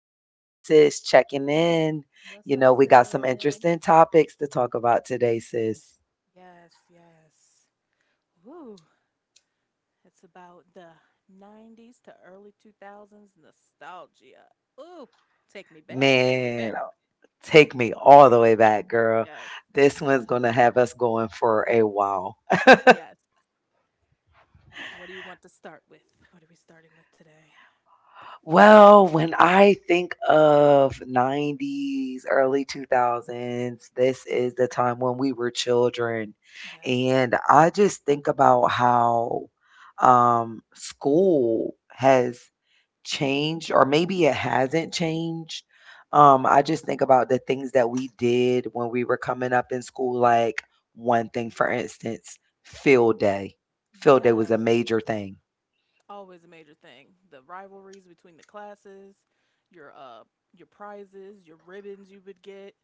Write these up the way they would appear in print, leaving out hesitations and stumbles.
It's me and sis checking in. What's You up, know, we got some sis? interesting topics to talk about today, sis. Yes, yes. Woo. It's about the 90s to early 2000s nostalgia. Ooh, take me back. Take me Man, back. take me all the way back, girl. Yes, This one's going to have us going for a while. yes. What do you want to start with? What are we starting with today? Well, when I think of 90s, early 2000s, this is the time when we were children. Yes, And I just think about how school has changed or maybe it hasn't changed. I just think about the things that we did when we were coming up in school, like one thing, for instance, field day. Field day was a yes. major thing. Always a major thing. The rivalries between the classes, your uh your prizes, your ribbons you would get.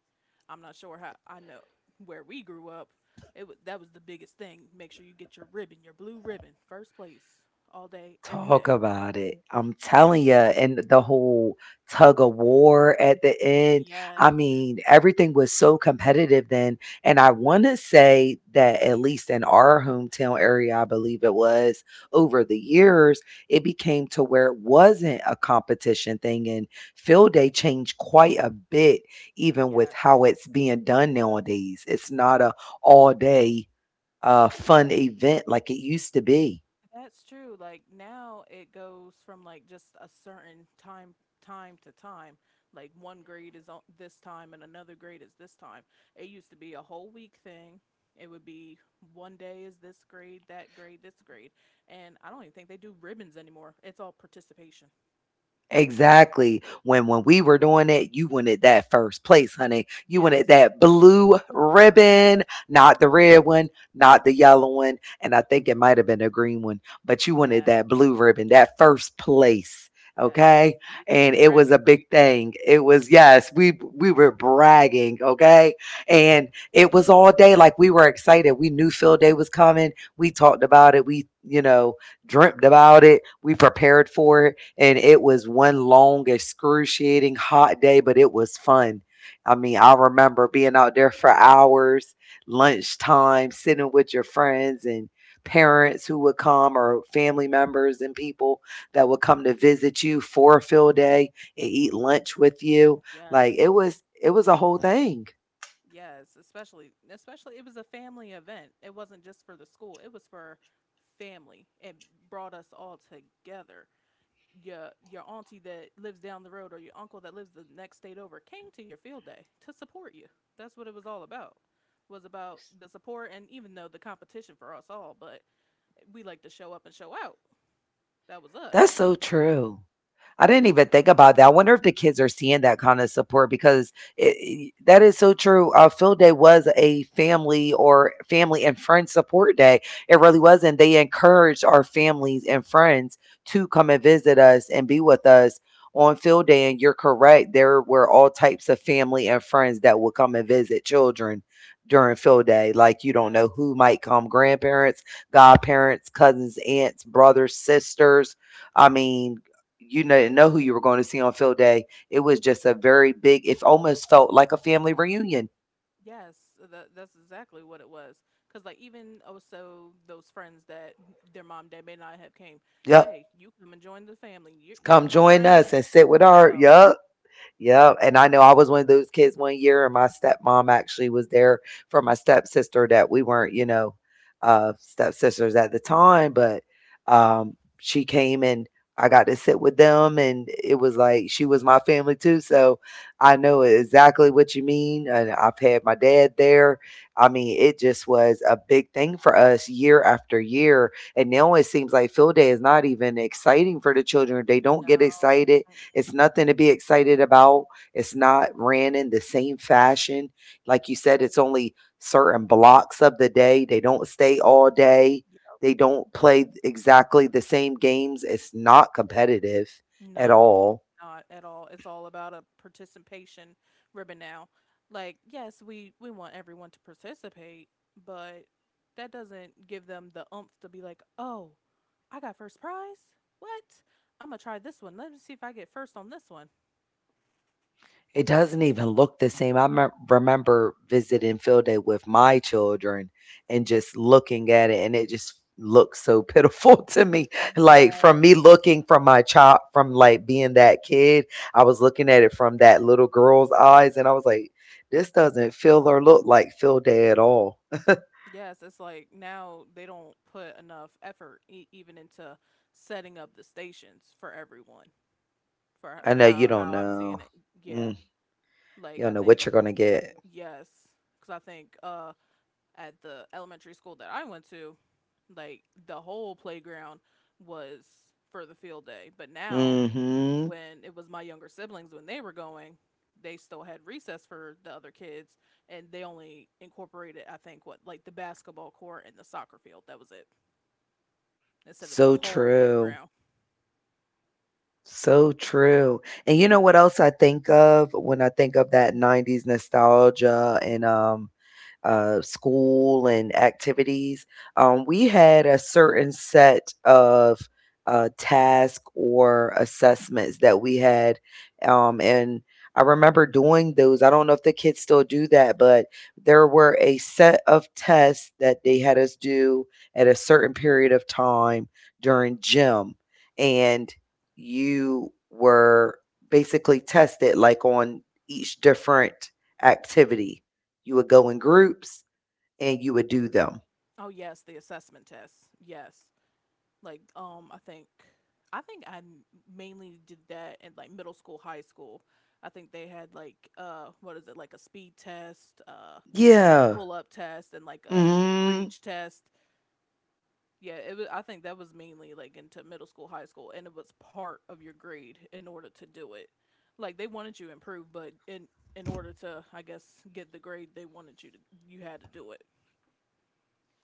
I'm not sure how I know where we grew up. It was That was the biggest thing. Make sure you get your ribbon, your blue ribbon, first place all day, every Talk day. about it. I'm telling you, and the whole tug of war at the end. Yes. I mean, everything was so competitive then. And I want to say that, at least in our hometown area, I believe it was over the years, it became to where it wasn't a competition thing. And field day changed quite a bit, even with Yes. how it's being done nowadays. It's not a all day fun event like it used to be. That's true. Like now it goes from like just a certain time to time. Like one grade is on this time and another grade is this time. It used to be a whole week thing. It would be one day is this grade, that grade, this grade. And I don't even think they do ribbons anymore. It's all participation. Exactly. When we were doing it, you wanted that first place, honey. You wanted Yes. that blue ribbon, not the red one, not the yellow one, and I think it might have been a green one, but you wanted Yes. that blue ribbon, that first place. Yes. Okay. You wanted And the it was bragging a big right. thing. It was, yes, we were bragging, okay? And it was all day. Like we were excited. We knew field day was coming. We talked about it. We dreamt about it. We prepared for it, and it was one long, excruciating hot day, but it was fun. I mean, I remember being out there for hours, lunchtime, sitting with your friends and parents who would come or family members and people that would come to visit you for a field day and eat lunch with you. Like Yes. it was a whole thing. Yes, especially it was a family event. It wasn't just for the school. It was for family. It brought us all together. Your auntie that lives down the road or your uncle that lives the next state over came to your field day to support you. That's what it was all about. Was about the support, and even though the competition for us all, but we like to show up and show out. That was us. That's so true. I didn't even think about that. I wonder if the kids are seeing that kind of support because it, I that is so true. Field day was a family or family and friend support day. It really Yes. was, and they encouraged our families and friends to come and visit us and be with us on field day. And you're correct; there were all types of family and friends that would come and visit children during field day. Like you don't know Yes. who might come: grandparents, godparents, cousins, aunts, brothers, sisters. I mean, you didn't know who you were going to see on field day. It was just a very big, it almost felt like a family reunion. Yes, that's exactly what it was. Cause like even, oh, so those friends that their mom, dad may not have came. Yep. Hey, you come and join the family. You're Come my join friend. us and sit with Let's our, go. yep. Yeah, and I know I was one of those kids one year, and my stepmom actually was there for my stepsister that we weren't, you know, stepsisters at the time, but she came and I got to sit with them, and it was like she was my family too. So I know exactly what you mean. And I've had my dad there. I mean, it just was a big thing for us year after year. And now it seems like field day is not even exciting for the children. They don't get No, excited. mm, It's nothing to be excited about. It's not ran in the same fashion. Like you said, it's only certain blocks of the day. They don't stay all day. yeah, They don't play exactly the same games. It's not competitive at no, all. not at all. It's all about a participation ribbon now. Like yes, we want everyone to participate, but that doesn't give them the oomph to be like, oh, I got first prize. What? I'm gonna try this one. Let me see if I get first on this one. It doesn't even look the same. I me remember visiting field day with my children and just looking at it, and it just looks so pitiful to me. Like Yes. from me looking from my child, from like being that kid, I was looking at it from that little girl's eyes, and I was like, this doesn't feel or look like field day at all. Yes, it's like now they don't put enough effort even into setting up the stations for everyone. For h- I know you how don't how I'm know. seeing it, yeah. Mm, you Like I don't know think, what you're gonna get. yes, because I think at the elementary school that I went to, like the whole playground was for the field day. But now Mm-hmm. when it was my younger siblings when they were going, they still had recess for the other kids, and they only incorporated, I think, what, like the basketball court and the soccer field. That was it, instead of the So whole true. playground. So true. And you know what else I think of when I think of that 90s nostalgia and school and activities, we had a certain set of tasks or assessments that we had. And I remember doing those. I don't know if the kids still do that, but there were a set of tests that they had us do at a certain period of time during gym. And you were basically tested like on each different activity, you would go in groups and you would do them. Oh yes, the assessment tests. Yes, like um, I think, I mainly did that in like middle school, high school. I think they had like what is it, like a speed test, Yeah. pull up test, and like a hmm reach test. Yeah, it was. I think that was mainly like into middle school, high school, and it was part of your grade in order to do it. Like they wanted you to improve, but in order to, I guess, get the grade they wanted you to, you had to do it.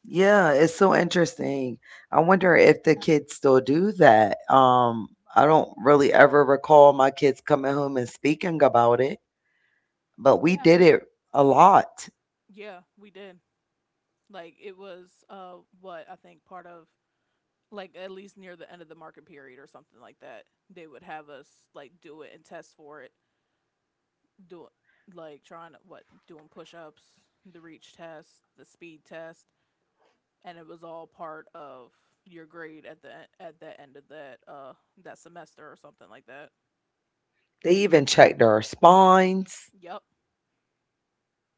Yeah, it's so interesting. I wonder if the kids still do that. I don't really ever recall my kids coming home and speaking about it, but we did Yeah, it a lot. yeah, we did. Like it was what, I think, part of, like, at least near the end of the market period or something like that. They would have us like do it and test for it. Do, like, trying to, what, doing push-ups, the reach test, the speed test, and it was all part of your grade at the at the end of that that semester or something like that. They even checked our spines. Yep.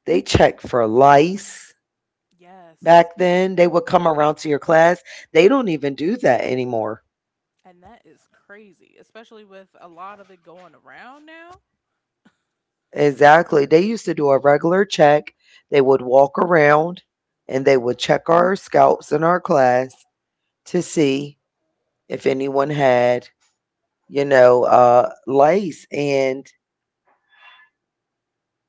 They checked for lice Yes. back then. They would come Yes. around to your class. They don't even do that anymore. And that is crazy, especially with a lot of it going around now. Exactly. They used to do a regular check. They would walk around and they would check our scalps in our class to see if anyone had, you know, lice. And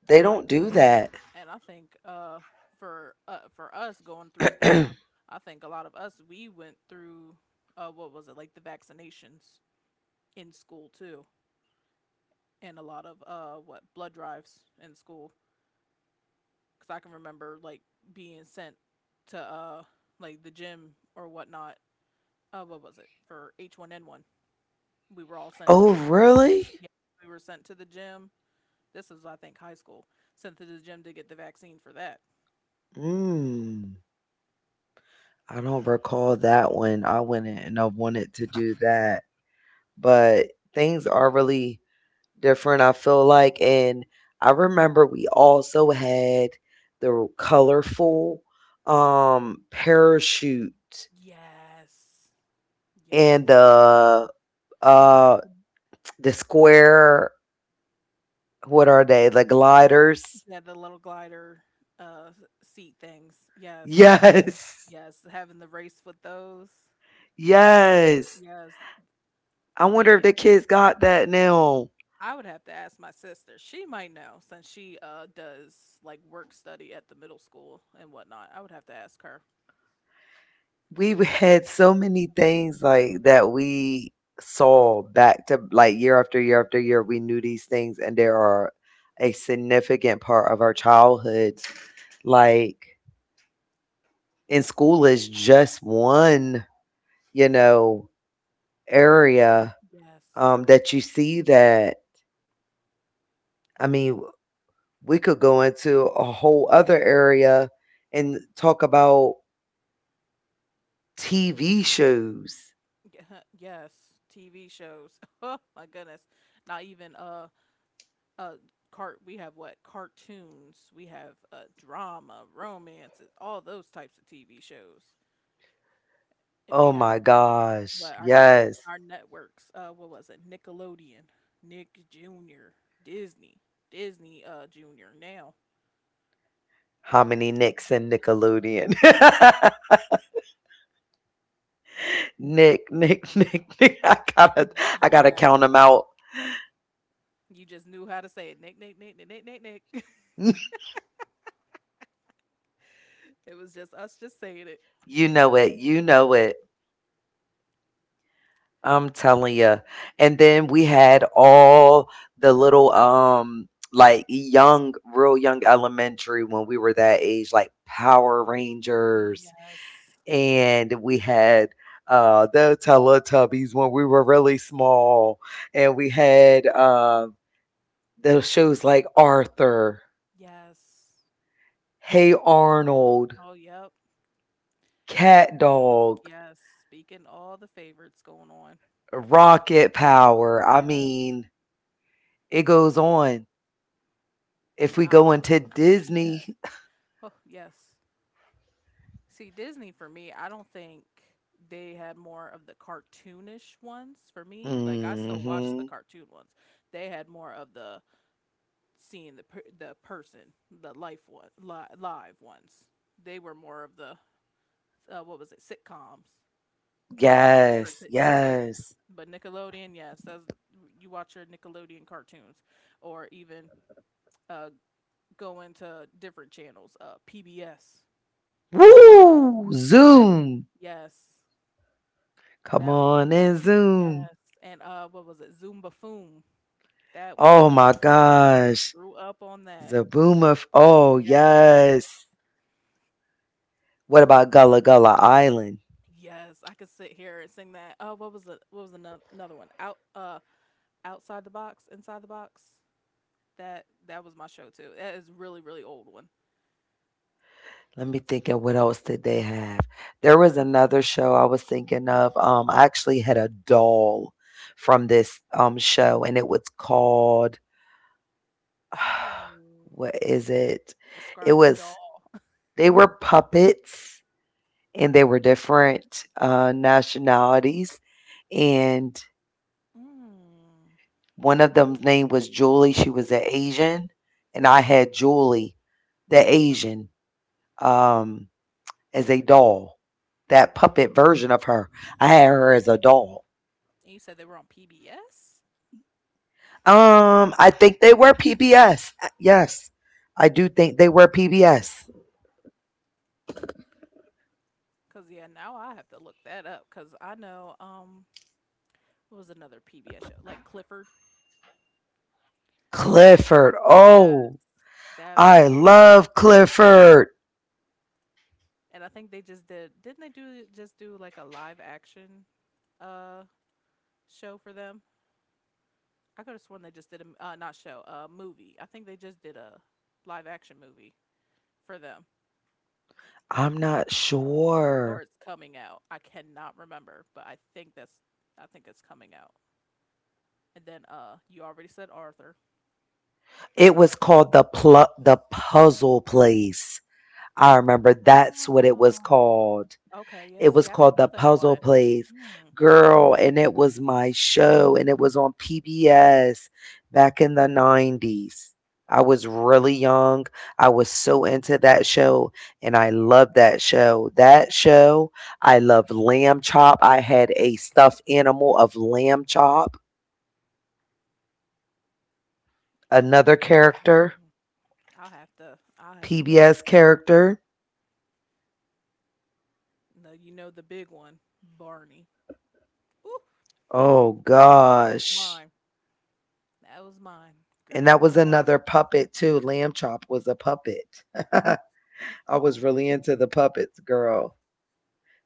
they And I don't do that. and I think for us going through school, I think a lot of us we went through what was it, like, the vaccinations in school too, and a lot of, what, blood drives in school, because I can remember like being sent to like the gym or whatnot. What was it for H1N1? We were all sent to Oh, the really? Yeah, we were sent to the gym. This was, I think, high school, sent to the gym to get the vaccine for that. Mm, I don't recall that one. I went in and I wanted to do that. But things are really different, I feel like. And I remember we also had the colorful parachute Yes, and yes. uh the square, what are they? The gliders. Yeah, the little glider, uh, s seat things. Yes. Yes. Yes, having the race with those. Yes. Yes, I wonder if playing the kids got that now. I would have to ask my sister. She might know since she, does, like, work study at the middle school and whatnot. I would have to ask her. Had so many things like that, we saw back to like year after year after year, we knew these things, and there are a significant part of our childhoods. Like in school is just one, you know, area Yes. That you see that, I mean, we could go into a whole other area and talk about TV shows. Yeah, yes, TV shows. Oh my goodness. Not even, uh, cart we have what? Cartoons, we have, drama, romances, all those types of TV shows, and Oh we have my gosh, but our different yes. our networks, what was it? Nickelodeon, Nick Jr., Disney, Disney Jr. now, How many Nicks in Nickelodeon? Nick, Nick, Nick, Nick. I gotta yes, count them out. you just knew how to say it. Nick, Nick, Nick, Nick, Nick, Nick, Nick. It was just us just saying it. You know it. You know it. I'm telling you. And then we had all the little, like young, real young elementary when we were that age, like Power Rangers, Yes, and we had the Teletubbies when we were really small, and we had the shows like Arthur. yes. Hey Arnold, Oh, yep, Cat Dog, yes. Speaking all the favorites going on. Rocket Power. I Yes, mean, it goes on. If and we I, go into yeah, Disney, oh, yes. See, Disney for me, I don't think they had more of the cartoonish ones for me. Like I still watch the mhm. cartoon ones. They had more of the, seeing the person, the life one, live ones. They were more of the, what was it, sitcoms Yes, for Disney. yes. But Nickelodeon, yes, that's, you watch your Nickelodeon cartoons, or even, uh, go into different channels. PBS, Woo! you said, Zoom. yes. Come That on and Zoom. Yes, and, what was it? Zumba Foom. That was Oh my Yes, gosh. grew up on that. Zabooma. Oh, Yes, yes. What about Gullah Gullah Island? yes, I could sit here and sing that. Oh, what was the? What was another one? Outside the Box, Inside the Box? That was my show too. That is really, really old one. Let me think of what else did they have. There was another show I was thinking of. I actually had a doll from this show, and it was called Ooh. what is it? It Describe the was, Doll. they were puppets, and they were different nationalities. And Mm. one of them's name was Julie. She was an Asian, and I had Julie, the Asian. Um, as a doll. That puppet version of her. I had her as a doll. And you said they were on PBS. I think they were PBS. Yes. I do think they were PBS. Cause yeah, now I have to look that up. Cause I know, what was another PBS show? Like Clifford? Clifford. Yes, Oh, that, I whew, love Clifford. and I think they just did. Didn't they do just do like a live action uh show for them? I could have sworn they just did a, not show, a movie. I think they just did a live action movie for them, I'm not or sure. it's coming out. I cannot remember, but I think that's I think it's coming out. And then, you already said Arthur. It Uh was called The Puzzle Place. I remember that's what it was oh, called. okay, yeah. It was See, I don't called The know that Puzzle one. Place. Mm, Girl, and it was my show and it was on PBS back in the 90s. I was really young. I was so into that show and I loved that show. That show, I loved Lamb Chop. I had a stuffed animal of Lamb Chop, no, another mm, character, mm, mm. I'll have to. I'll have to, really. PBS character. No, you know the big one, Barney. Ooh, Oh that was gosh. mine. That was mine. And Grew that up was on another Barney. puppet too. Lamb Chop was a puppet. I was really into the puppets, girl.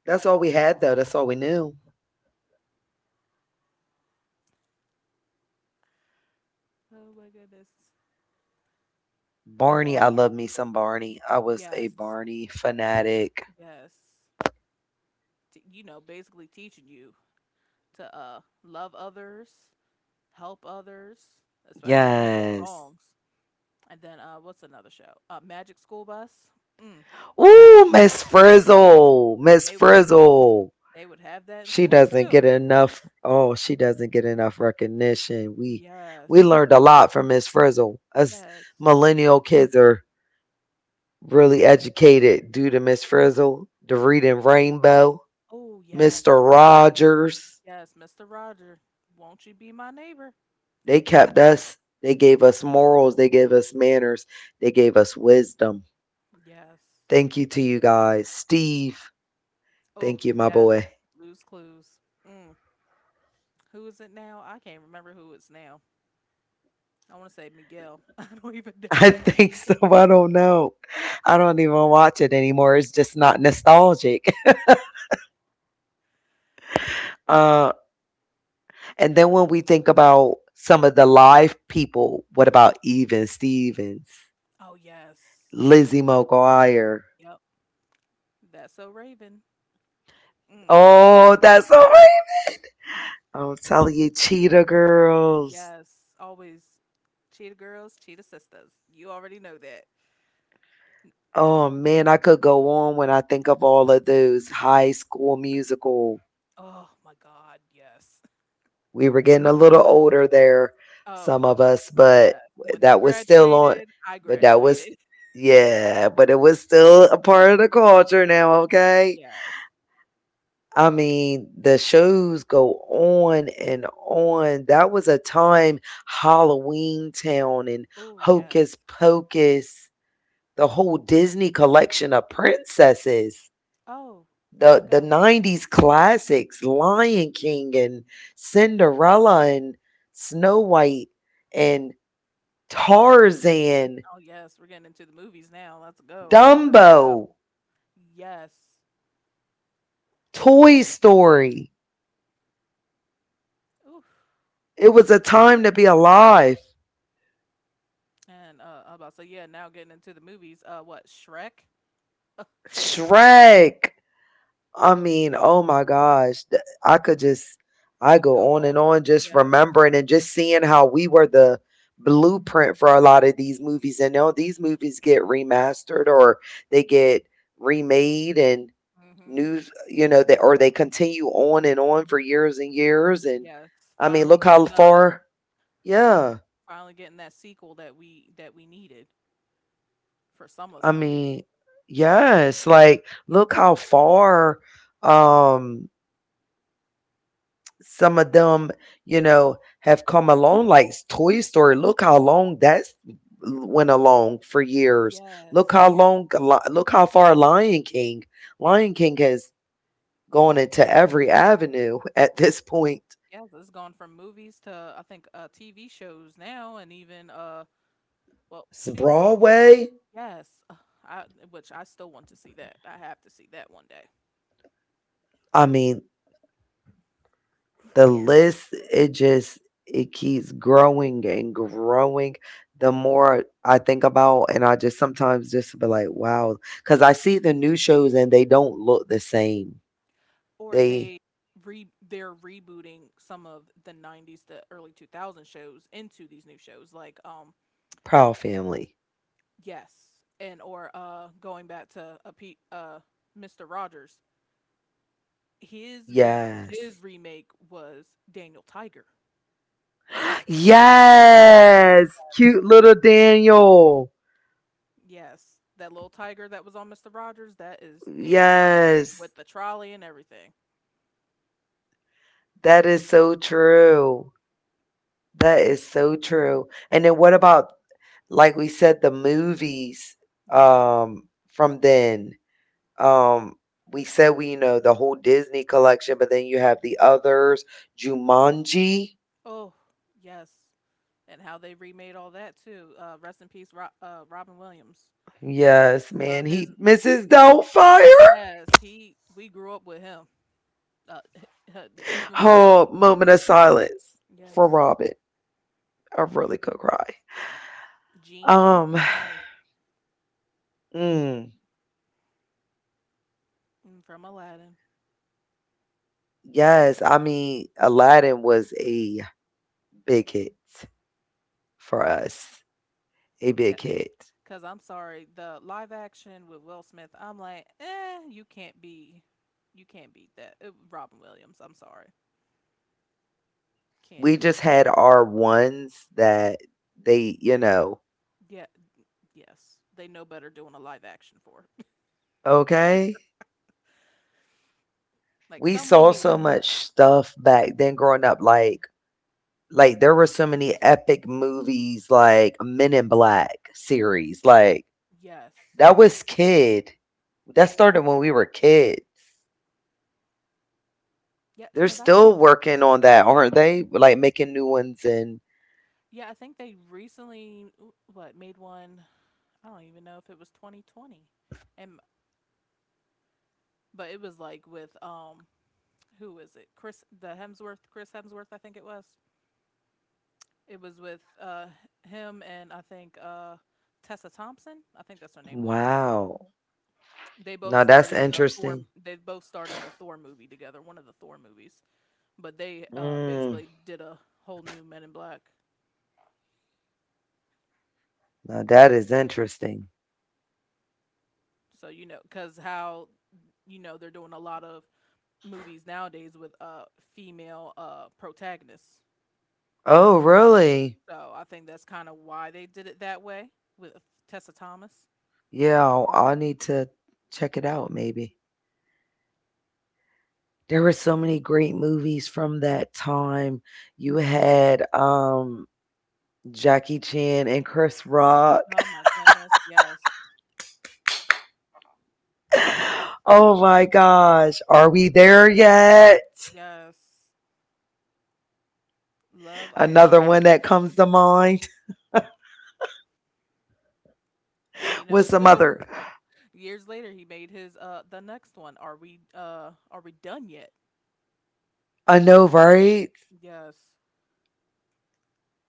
That's all we had though. That's all we knew. Oh my goodness. Oh Barney, well, I love me some Barney. I was a yes, Barney fanatic. yes. Basically teaching you to love others, help others, especially with all those Yes. songs. And then, what's another show? Magic School Bus. Mm. Ooh, Miss Mm. Frizzle. And Miss they Frizzle. they would have that in She school doesn't get too. enough. Oh, she doesn't get enough recognition. We Yes, learned a lot from Miss Frizzle. Us yes. millennial kids are really educated due to Miss Frizzle, the Reading Rainbow, Oh Mr. yes, Rogers. yes. Mister Roger, won't you be my neighbor? They kept us. They gave us morals. They gave us manners. They gave us wisdom. Yes. Thank you to you guys. Steve, Oh, thank you, my yes. boy. Blue's Clues. Mm. Who is it now? I can't remember who it's now. I want to say Miguel. I don't even I know. think so. I don't know. I don't even watch it anymore. It's just not nostalgic. Uh, and then when we think about some of the live people, what about Even Stevens, Oh, yes. Lizzie McGuire? Yep. That's so Raven. Mm. Oh, that's so right. I'm telling you, Cheetah Girls. Yes. Always Cheetah Girls, Cheetah Sisters. You already know that. Oh, man, I could go on when I think of all of those, High School Musical. Oh, my God. Yes. We were getting a little older there, Oh, some of us, but yes. When they that was still on. graduated, I But that was, graduated. yeah, but it was still a part of the culture now, okay? Yes. I mean, the shows go on and on. That was a time, Halloween Town and Oh, yes. Hocus Pocus, the whole Disney collection of princesses. Oh, oh my The God. 90s classics, Lion King, and Cinderella, and Snow White, and Tarzan, Oh, yes. We're getting into the movies now. Let's go. Let's Dumbo, go. Yes. Toy Story. Ooh. It was a time to be alive. And I about to say, yeah, now getting into the movies. What, Shrek? Shrek. I mean, oh my gosh, I could just, I We can go go on and on. on just Yes. remembering and just seeing how we were the blueprint for a lot of these movies. And now these movies get remastered, or they get remade and Mm-hmm. news, that, or they continue on and on for years and years. And Yes. I mean, Finally look how getting, far. Yeah, finally getting that sequel that we needed for some of I them. mean, yes, like look how far. Um, some of them, have come along like Toy Story. Look how long that's went along for years. Look how Yes. long, look how far Lion King. Lion King has gone into every avenue at this point. Yes. It's gone from movies to, I think, TV shows now, and even, well, shoot. Broadway. Yes. I which I still want to see that. I have to see that one day. I mean, the list, it just, it keeps growing and growing. The more I think about, and I just sometimes just be like, wow, because I see the new shows and they don't look the same. Or They they, re they're rebooting some of the 90s to early 2000s shows into these new shows, like, Proud Family. yes, and or, going back to Mr. Rogers, his, re his Yes. remake was Daniel Tiger. Yes. Cute little Daniel. Yes, that little tiger that was on Mr. Rogers, that is Daniel Tiger, Yes. with the trolley and everything. That is so true. That is so true. And then what about, like we said, the movies Yes, from then? Um we said we know the whole Disney collection, but then you have the others, Jumanji. oh yes, and how they remade all that too, rest in peace, Robin Williams, Yes, man. love his. He Mrs. Doubtfire. Yes, he we grew up with him, uh, even with Disney. Whole moment of silence for Yes, Robin. I really could cry. Genie, Um, mm, mm, from Aladdin. yes, I mean Aladdin was a big hit for us, a Yeah, big hit. because I'm sorry, the live action with Will Smith, I'm like, eh, you can't beat that. Robin Williams, I'm sorry, can't We do just had our ones that they, you know, it. Yeah, yes, they know better doing a live action for it. okay. Like We some we saw need. so much stuff back then growing up, like there were so many epic movies, like Men in Black series. Like, Yes, that was kid, that started when we were kids. yeah, They're because I still think, working on that, aren't they? Like making new ones, and yeah, I think they recently w- what made one. I don't even know if it was 2020, and but it was like with, who is it? Chris Hemsworth, I think it was. It was with him, and I think Tessa Thompson, I think that's her name. wow. They both Now starred that's in the Thor. interesting. They both starred in the Thor movie together, one of the Thor movies. But they Mm, basically did a whole new Men in Black. now that is interesting. So because how they're doing a lot of movies nowadays with female protagonists. Oh, really? So I think that's kind of why they did it that way with Tessa Thomas. Yeah, I'll need to check it out maybe. There were so many great movies from that time. You had Jackie Chan and Chris Rock. Oh my goodness, yes. Oh my gosh, are we there yet? Yes. Love Ice Another one Cube. that comes to mind. And then What's some other? years later he made his the next one. Are we done yet? I know, right? Yes.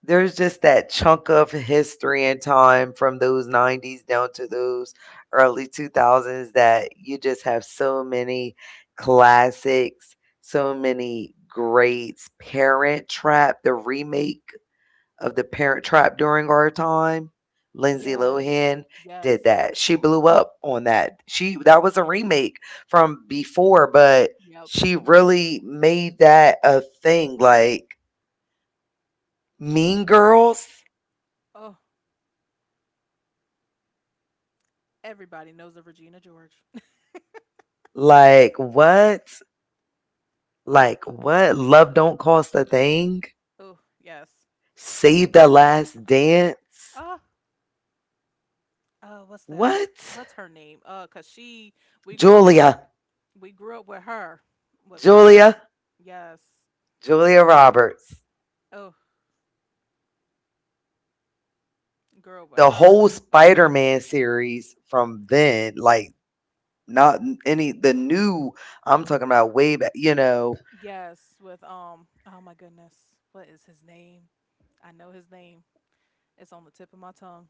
There's just that chunk of history and time from those 90s down to those early 2000s that you just have so many classics, so many greats. Parent Trap, the remake of the Parent Trap during our time. Lindsay Yes. Lohan did Yes. that. She blew up on that. She That was a remake from before, but Yep. she Mm-hmm. really made that a thing. Like Mean Girls, Oh, everybody knows of Regina George. like what? Like what? Love Don't Cost a Thing. Oh, yes. Save the Last Dance. Ah, uh, what's that? li- What? What's her name? 'Cause she we grew up with Julia, we grew up with with her. Julia, Yes. Julia Roberts. Oh, girl, with The her. whole Spider-Man series from then, like, not any the new, I'm talking about way back, you know, Yes, with oh my goodness. What is his name? I know his name. It's on the tip of my tongue.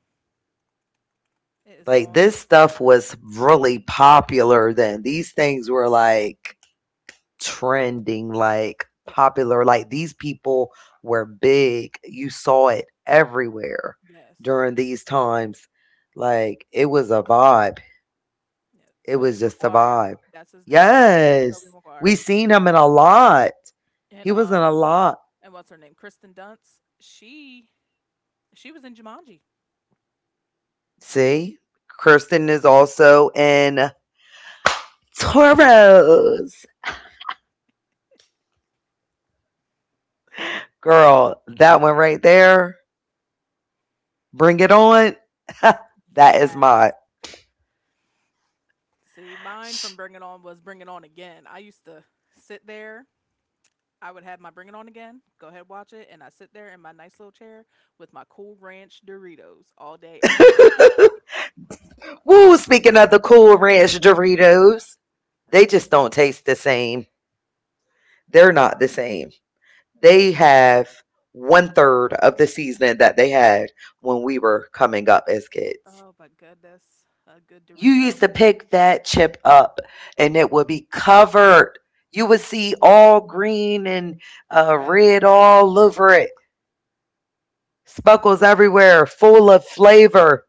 It is like on. this stuff was really popular then. These things were like trending, like Yep. popular, like these people were big. You saw it everywhere Yes. during these times. Like it was a vibe. Yeah. It Toby was just a Maguire. vibe. That's his name. Yes. Toby Maguire. We seen him in a lot. And He was in uh a lot. and what's her name? Kristen Dunst. She was in Jumanji. See? Kirsten is also in Toros. Girl, that one right there, Bring It On. That is Yes. my. See, mine from Bring It On was Bring It On Again. I used to sit there. I would have my Bring It On Again, go ahead, watch it, and I sit there in my nice little chair with my Cool Ranch Doritos all day, every day. Woo, speaking of the cool ranch Doritos, they just don't taste the same. They're not the same. They have one third of the seasoning that they had when we were coming up as kids. Oh my goodness, a good You Dorito. used to Mm. pick that chip up and it would be covered. You would see all green and Yes, red all over it. Speckles everywhere, full of flavor.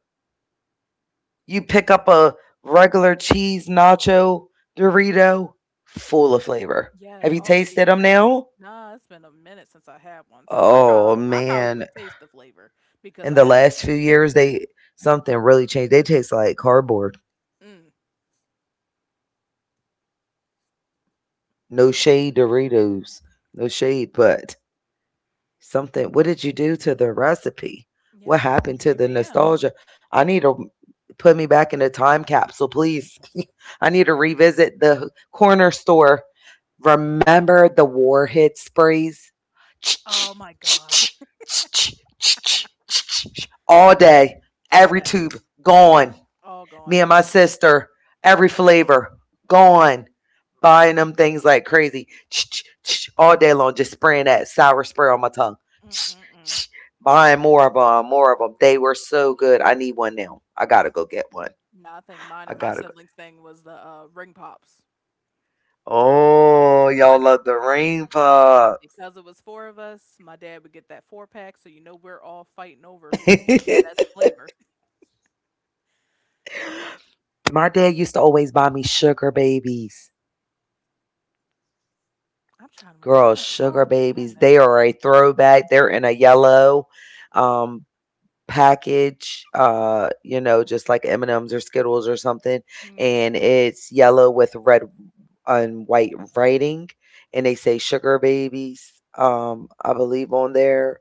You pick up a regular cheese nacho Dorito, full of flavor. yes, Have you all tasted them cheesy. now? Nah, it's been a minute since I had one, so Oh I probably man, would taste the flavor because in I the haven't. last few years they, something really changed. They taste like cardboard. Mm. No shade Doritos. No shade, but something, what did you do to the recipe? What Yes, we need to happened to the revamp. nostalgia? I need to put me back in a time capsule, please. I need to revisit the corner store. Remember the warhead sprays, Oh my God, all day, just every that tube gone. all Me gone. and my sister, every flavor gone. Buying them things like crazy all day long, just spraying that sour spray on my tongue. Mm-mm-mm. Buying more of them, more of them. They were so good. I need one now. I gotta go get one. No, I think mine I and my gotta go. siblings thing was the ring pops. Oh, My y'all d- love the rain pop. because it was four of us, my dad would get that four pack, so you know we're all fighting over who's getting the best flavor. My dad used to always buy me sugar babies. I'm trying to Girl, remember. sugar Oh my babies, they goodness. are a throwback. They're in a yellow um package, you know, just like M&Ms or Skittles or something, Mm. and it's yellow with red and white writing, and they say sugar babies, I believe, on there,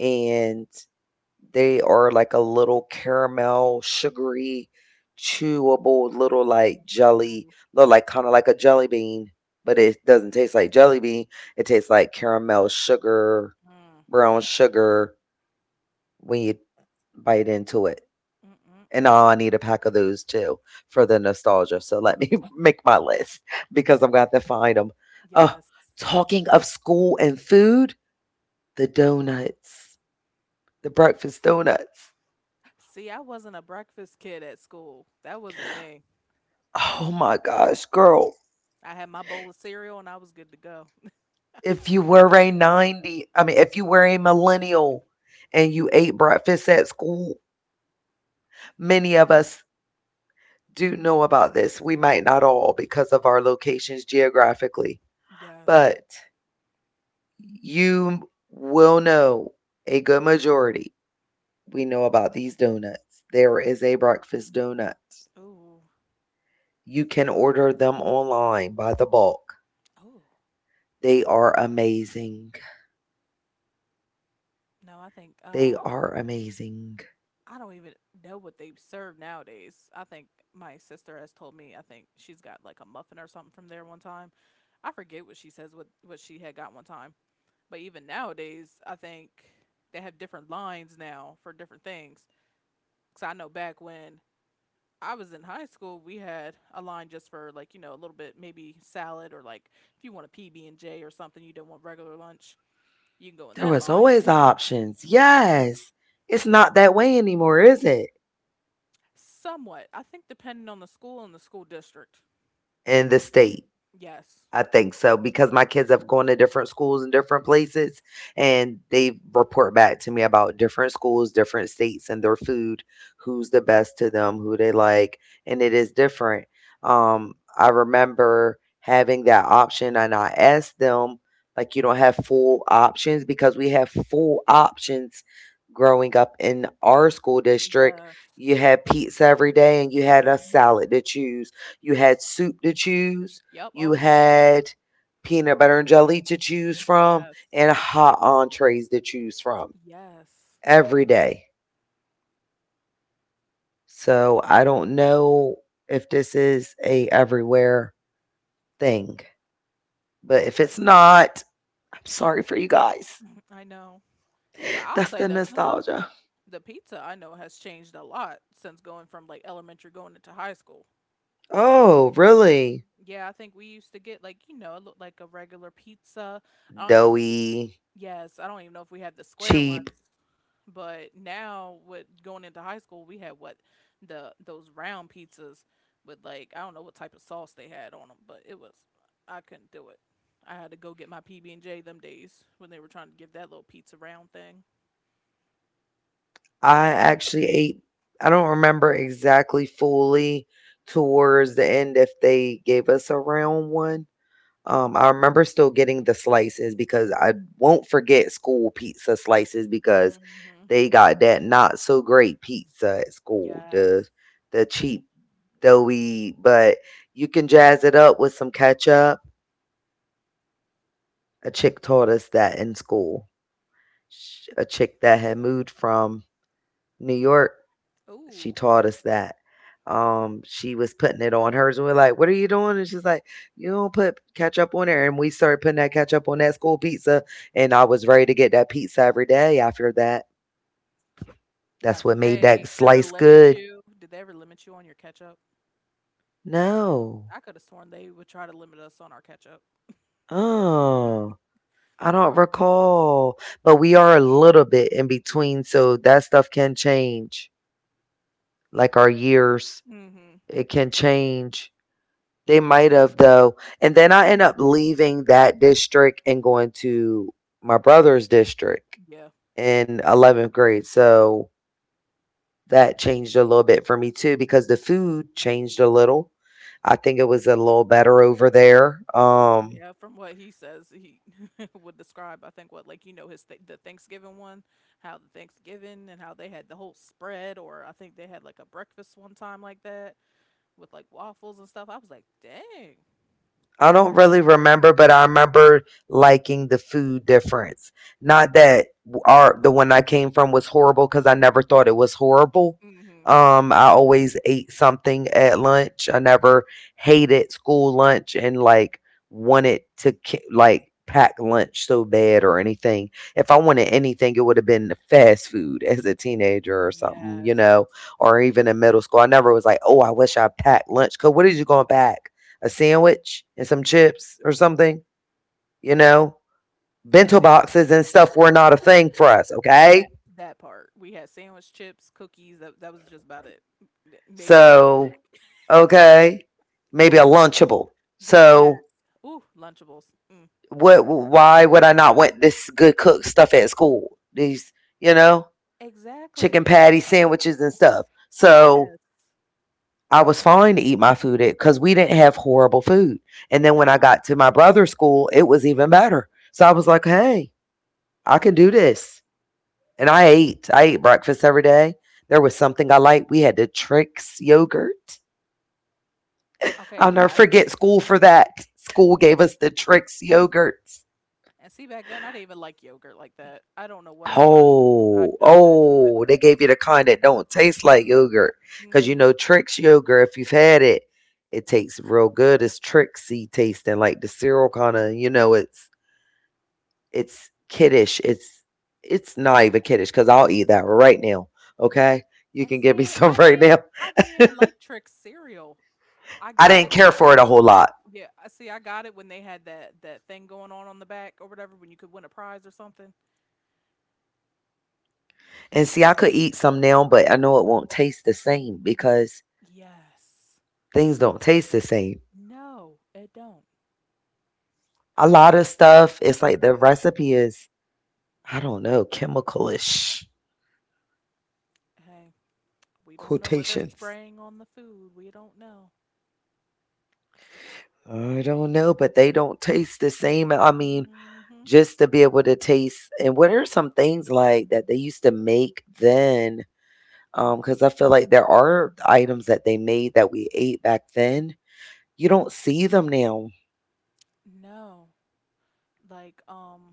and they are like a little caramel, sugary, chewable little like jelly. Ooh. Look like kind of like a jelly bean, but it doesn't taste like jelly bean. It tastes like caramel sugar, Mm, brown sugar when you bite into it. mm, mm, And mm. now I need a pack of those too for the nostalgia. So let me make my list because I'm going to have to find them. Uh, Yes. Talking of school and food, the donuts, the breakfast donuts. See, I wasn't a breakfast kid at school. That wasn't me. Oh my gosh, girl. I had my bowl of cereal and I was good to go. If you were a 90, I mean, if you were a millennial and you ate breakfast at school, many of us do know about this. We might not all because of our locations geographically, Yes. but you will know a good majority. We know about these donuts. There is a breakfast donut. Ooh. You can order them online by the bulk. Ooh. They are amazing. No, I think They are amazing. I don't even know what they serve nowadays. I think My sister has told me I think she's got like a muffin or something from there one time. I forget what she says what she had got one time. But even nowadays, I think they have different lines now for different things. Cuz I know back when I was in high school, we had a line just for like, you know, a little bit maybe salad, or like if you want a PB and J or something, you don't want regular lunch, you can go in There that was line. always options. Yes. It's not that way anymore, is it? Somewhat. I think depending on the school and the school district. In the state. Yes. I think so because my kids have gone to different schools and different places, and they report back to me about different schools, different states, and their food, who's the best to them, who they like, and it is different. I remember having that option, and I asked them, like, you don't have full options because we have full options growing up in our school district. Yes. You had pizza every day, and you had a Mhm. salad to choose, you had soup to choose, Yep, you always a soup. had peanut butter and jelly to choose from, Yes. and hot entrees to choose from Yes. every day. So I don't know if this is a everywhere thing, but Yeah, if 'cause it's not, I'm sorry for you guys. I know. But I'll That's say the that nostalgia. the pizza I know has changed a lot since going from like elementary going into high school. Oh, really? Yeah, I think we used to get like, you know, it looked like a regular pizza. I don't even know if we, Doughy, Yes, I don't even know if we had the square ones. cheap. But now with going into high school, we had what the those round pizzas with like I don't know what type of sauce they had on them, but it was I couldn't do it. I had to go get my PB and J them days when they were trying to give that little pizza round thing. I actually ate, I don't remember exactly fully towards the end if they gave us a round one. I remember still getting the slices because I won't forget school pizza slices, because Hmm. they got that not so great pizza at school, Yes. the cheap, doughy, but you can jazz it up with some ketchup. A chick taught us that in school. A chick that had moved from New York. Ooh. She taught us that. She was putting it on hers, and we're like, "What are you doing?" And she's like, "You don't put ketchup on there." And we started putting that ketchup on that school pizza, and I was ready to get that pizza every day after that. Now, That's what made that slice good. Did they ever limit you on your ketchup? I No, could have sworn they would try to limit us on our ketchup. oh, I don't Or recall, but we are a little bit in between, so that stuff can change. Like our years, Mhm. it can change. They might have though. And then I end up leaving that district and going to my brother's district Yeah, in 11th grade. So that changed a little bit for me too because the food changed a little. I think it was a little better over there. Yeah. From what he says, he would describe. I think what like you know his th- the Thanksgiving one, how the Thanksgiving and how they had the whole spread, or I think they had like a breakfast one time like that with like waffles and stuff. I was like, dang. I don't really remember, but I remember liking the food difference. Not that our the one I came from was horrible because I never thought it was horrible. Mhm. I always ate something at lunch. I never hated school lunch and like wanted to like pack lunch so bad or anything. If I wanted anything, it would have been fast food as a teenager or something, Yes. you know, or even in middle school. I never was like, oh, I wish I packed lunch. Cause what are you gonna pack? A sandwich and some chips or something, you know. Now Bento see boxes and stuff were not a thing for us, okay? that part we had sandwich chips, cookies. That was just about it. Maybe a fruit So, snack. okay, maybe a Lunchable. Yes. So, Ooh, Lunchables. Mm. what, why would I not want this good cooked stuff at school? These, you know, chicken Exactly. patty sandwiches and stuff. Yes. So, I was fine to eat my food at, cuz we didn't have horrible food. And then when I No. got to my Mm-mm. brother's school, it was even better. So I was like, "Hey, I can do this." And I ate. I ate breakfast every day. There was something I liked. We had the Trix yogurt. Okay, I'll yeah. never forget school for that. School gave us the Trix yogurts. And see, back then I didn't even like yogurt like that. I don't know what it was. Oh, I couldn't do oh, they gave you the kind that don't taste like yogurt. it. Because Hmm. you know, Trix yogurt, if you've had it, it tastes real good. It's Trixie tasting, like the cereal kind of, you know, it's kiddish. It's not even kiddish because I'll eat that right now. Okay? And You can give see, me I some right did. now. I didn't even like Trick cereal. I got I it. didn't care for it a whole lot. Yeah, I see. I got it when they had that thing going on the back or whatever, when you could win a prize or something. And see, I could eat some now, but I know it won't taste the same because Yes. things don't taste the same. No, it don't. I A don't. lot of stuff, it's like the recipe is, I don't know, chemicalish Hey, we don't know what they're quotations. spraying on the food. We don't know. I don't know, but they don't taste the same. I mean, Hmm. just to be able to taste, and what are some things like that they used to make then? Because I feel like there are items that they made that we ate back then. You don't see them now. No. Like,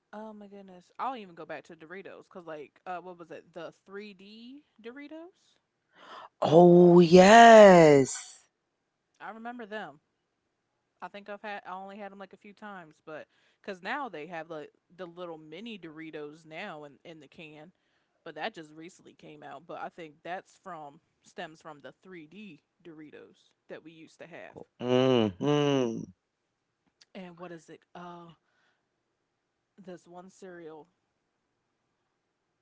oh my goodness. I will even go back to Doritos because, like, what was it? The 3D Doritos? Oh, yes. I remember them. I only had them like a few times, but because now they have like the little mini Doritos now in the can, but that just recently came out. But I think that's stems from the 3D Doritos that we used to have. Mhm. And what is it? This one cereal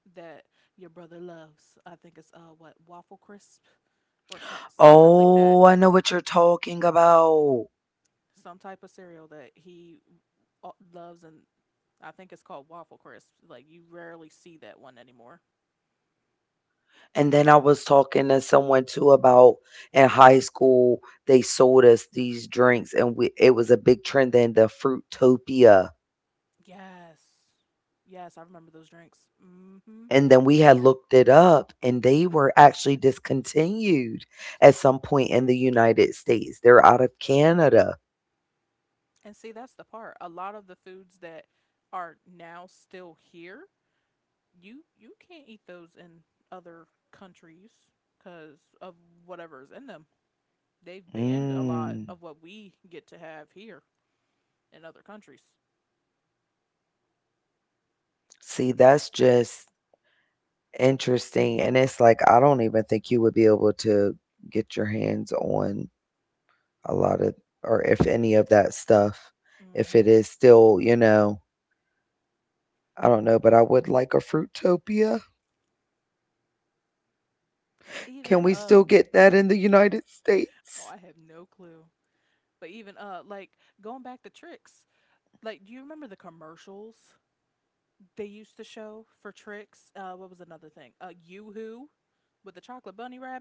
that your brother loves. I think it's, what, Waffle Crisp or something like that. Oh, I know what you're talking about. Some type of cereal that he uh loves, and I think it's called Waffle Crisp. Like you rarely see that one anymore. And then I was talking to someone too about in high school, they sold us these drinks and we it was a big trend then, the Fruitopia. Yes, yes, I remember those drinks. Mm-hmm. And then we had looked it up and they were actually discontinued at some point in the United States. They're out of Canada. And see, that's the part. A lot of the foods that are now still here, you can't eat those in other countries because of whatever's in them. They've banned a lot of Mm. what we get to have here in other countries. See, that's just interesting, and it's like, I don't even think you would be able to get your hands on a lot of, or if any of that stuff, Hmm. if it is still, I don't know, but I would like a Fruitopia. Even Can we still get that in the United oh, I States? have no clue. But even like going back to tricks. Like do you remember the commercials they used to show for tricks? Uh, what was another thing? Uh, Yoo-Hoo with the chocolate bunny rabbit?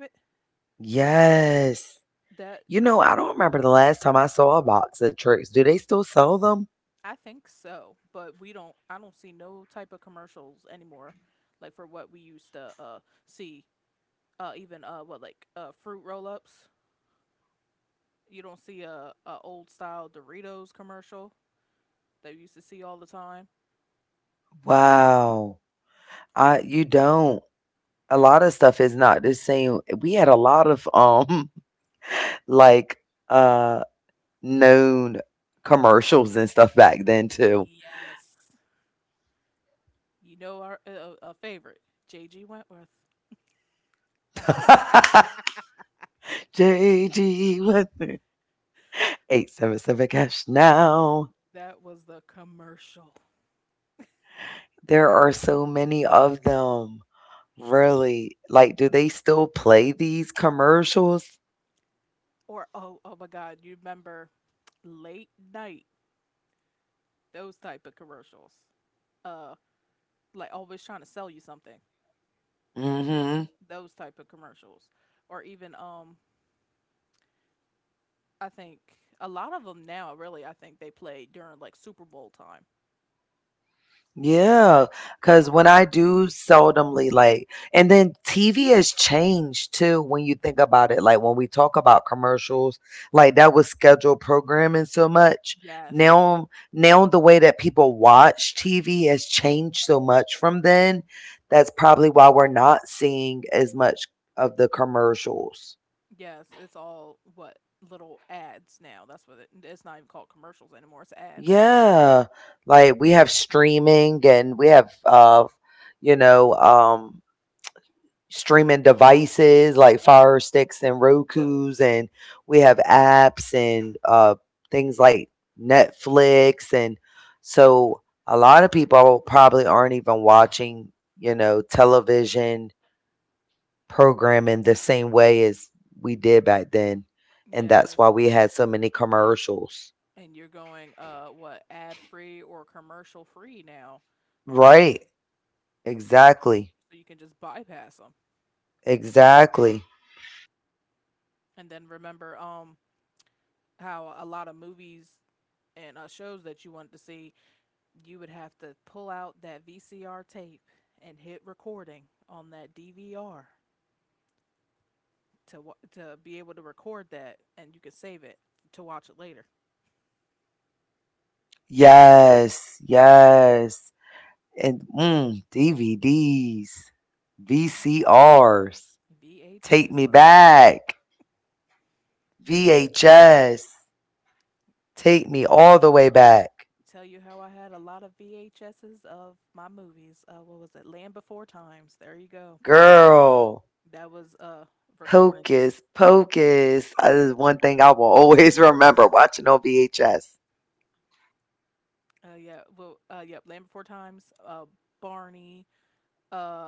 Yes. That You know, I don't remember the last time I saw a box of tricks. Do they still sell them? I think so, but we don't I don't see no type of commercials anymore like for what we used to see, even what like fruit roll-ups. You don't see a old style Doritos commercial that we used to see all the time. Wow. I You don't. A lot of stuff is not the same. We had a lot of like uh known commercials and stuff back then too. Yes. You know our a favorite, JG Wentworth. JG Weather, 877 Cash Now. That was the commercial. There are so many of them. Really. Like, do they still play these commercials? Or oh, oh my god, you remember late night those type of commercials. Uh like always trying to sell you something. Hmm. Those type of commercials. Or even I think a lot of them now really I think they play during like Super Bowl time. Yeah, cause when I do seldomly, like, and then TV has changed too when you think about it. Like when we talk about commercials, like, that was scheduled programming so much. Yes. Now the way that people watch TV has changed so much from then. That's probably why we're not seeing as much of the commercials. Yes, it's all what little ads now. That's what it's not even called commercials anymore. It's ads. Yeah. Like we have streaming, and we have you know, um streaming devices like Yep. Fire Sticks and Roku's, and we have apps, and things like Netflix. And so a lot of people probably aren't even watching, television programming the same way as we did back then. And Yes. that's why we had so many commercials. And you're going what ad free or commercial free now. Right. So Exactly. so you can just bypass them. Exactly. And then remember how a lot of movies and shows that you wanted to see, you would have to pull out that VCR tape and hit recording on that DVR to be able to record that, and you could save it to watch it later. Yes. Yes. And DVDs, VCRs, VHS. take me back, VHS, take me all the way back. Tell you how I had a lot of VHSs of my movies. What was it? Land Before Times. There you go. Girl, That was recordings. hocus pocus. That is one thing I will always remember watching on VHS. Yeah. Well yep. Land Before Times. Barney. uh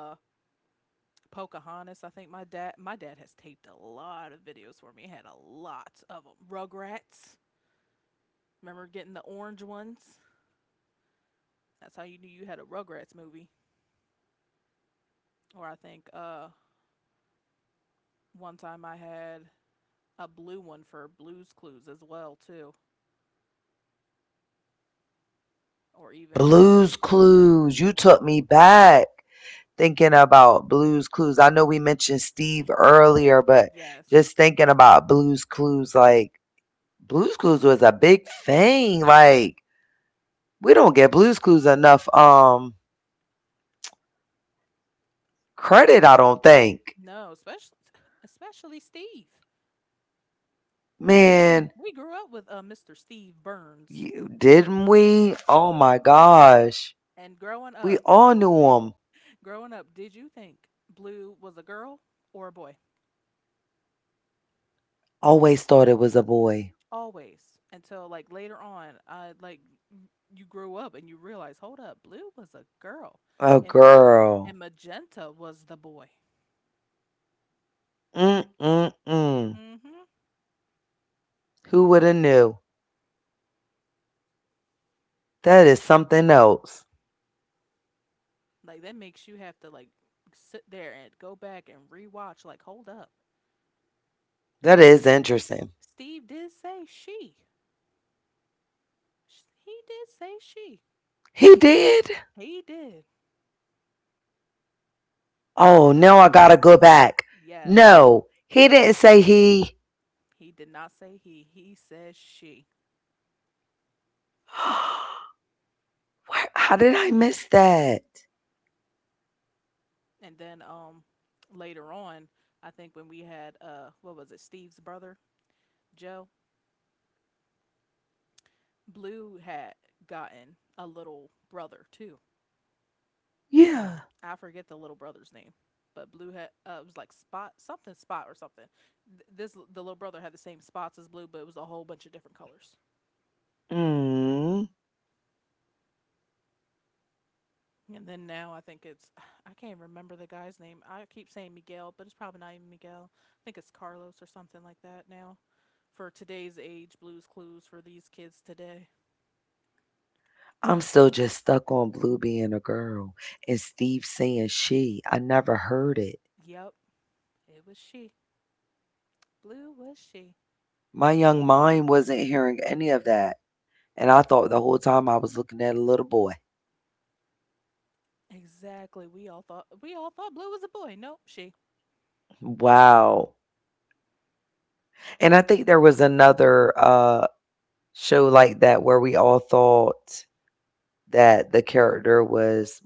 Pocahontas. I think my dad has taped a lot of videos for me. He had a lot of them. Rugrats. Remember getting the orange ones? That's how you knew you had a Rugrats movie. Or I think one time I had a blue one for Blues Clues as well too. Or even Blues Clues, you took me back thinking about Blues Clues. I know we mentioned Steve earlier, but yes. just thinking about Blues Clues, like, Blues Clues was a big thing. Like, we don't get Blues Clues enough credit. I don't think. No, especially Steve. We gr- Man, we grew up with Mr. Steve Burns. you, didn't we? Oh my gosh, And we all knew him. growing up, did you think Blue was a girl or a boy? Always thought it was a boy. Always. Until like later on, like you grew up and you realize, hold up, Blue was a girl, and A girl. magenta was the boy. Mm, mm, mm. Mm-hmm. Who would have knew? That is something else. Like that makes you have to like sit there and go back and rewatch. Like, hold up, That Steve. is interesting. Steve did say she. He did say she. He did. He did. Oh, now I gotta go back. Yes. No, he He didn't say he. he did not say he. He says she. How did I miss that? And then later on, I think when we had what was it, Steve's brother Joe, Blue had gotten a little brother too. Yeah. I forget the little brother's name, but Blue had it was like Spot something, Spot or something. This the little brother had the same spots as Blue, but it was a whole bunch of different colors. Mm. And then now I think it's I can't remember the guy's name. I keep saying Miguel, but it's probably not even Miguel. I think it's Carlos or something like that now. For today's age, Blue's Clues for these kids today. I'm still just stuck on Blue being a girl and Steve saying she. I never heard it. Yep, it was she. Blue was she. My young mind wasn't hearing any of that, and I thought the whole time I was looking at a little boy. Exactly. We all thought Blue was a boy. Nope, she. Wow. And I think there was another show like that where we all thought that the character was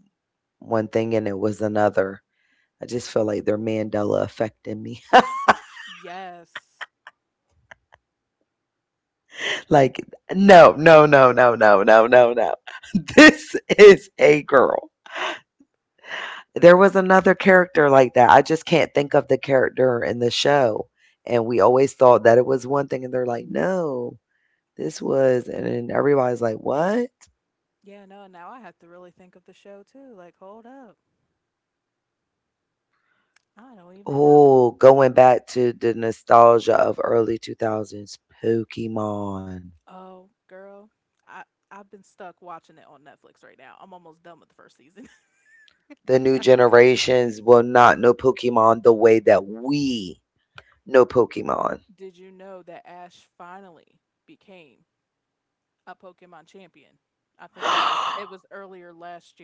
one thing and it was another. I just feel like they're Mandela affecting me. Yes. Like, no, no, no, no, no, no, no, no. This is a girl. There was another character like that. I just can't think of the character in the show, and we always thought that it was one thing, and they're like, "No, this was," and then everybody's like, "What?" Yeah, no, now I have to really think of the show too. Like, hold up. I don't even know. Oh, going back to the nostalgia of early 2000s, Pokemon. Oh, girl. I I've been stuck watching it on Netflix right now. I'm almost done with the first season. The new generations will not know Pokemon the way that we know Pokemon. Did you know that Ash finally became a Pokemon champion? I think it was earlier last year.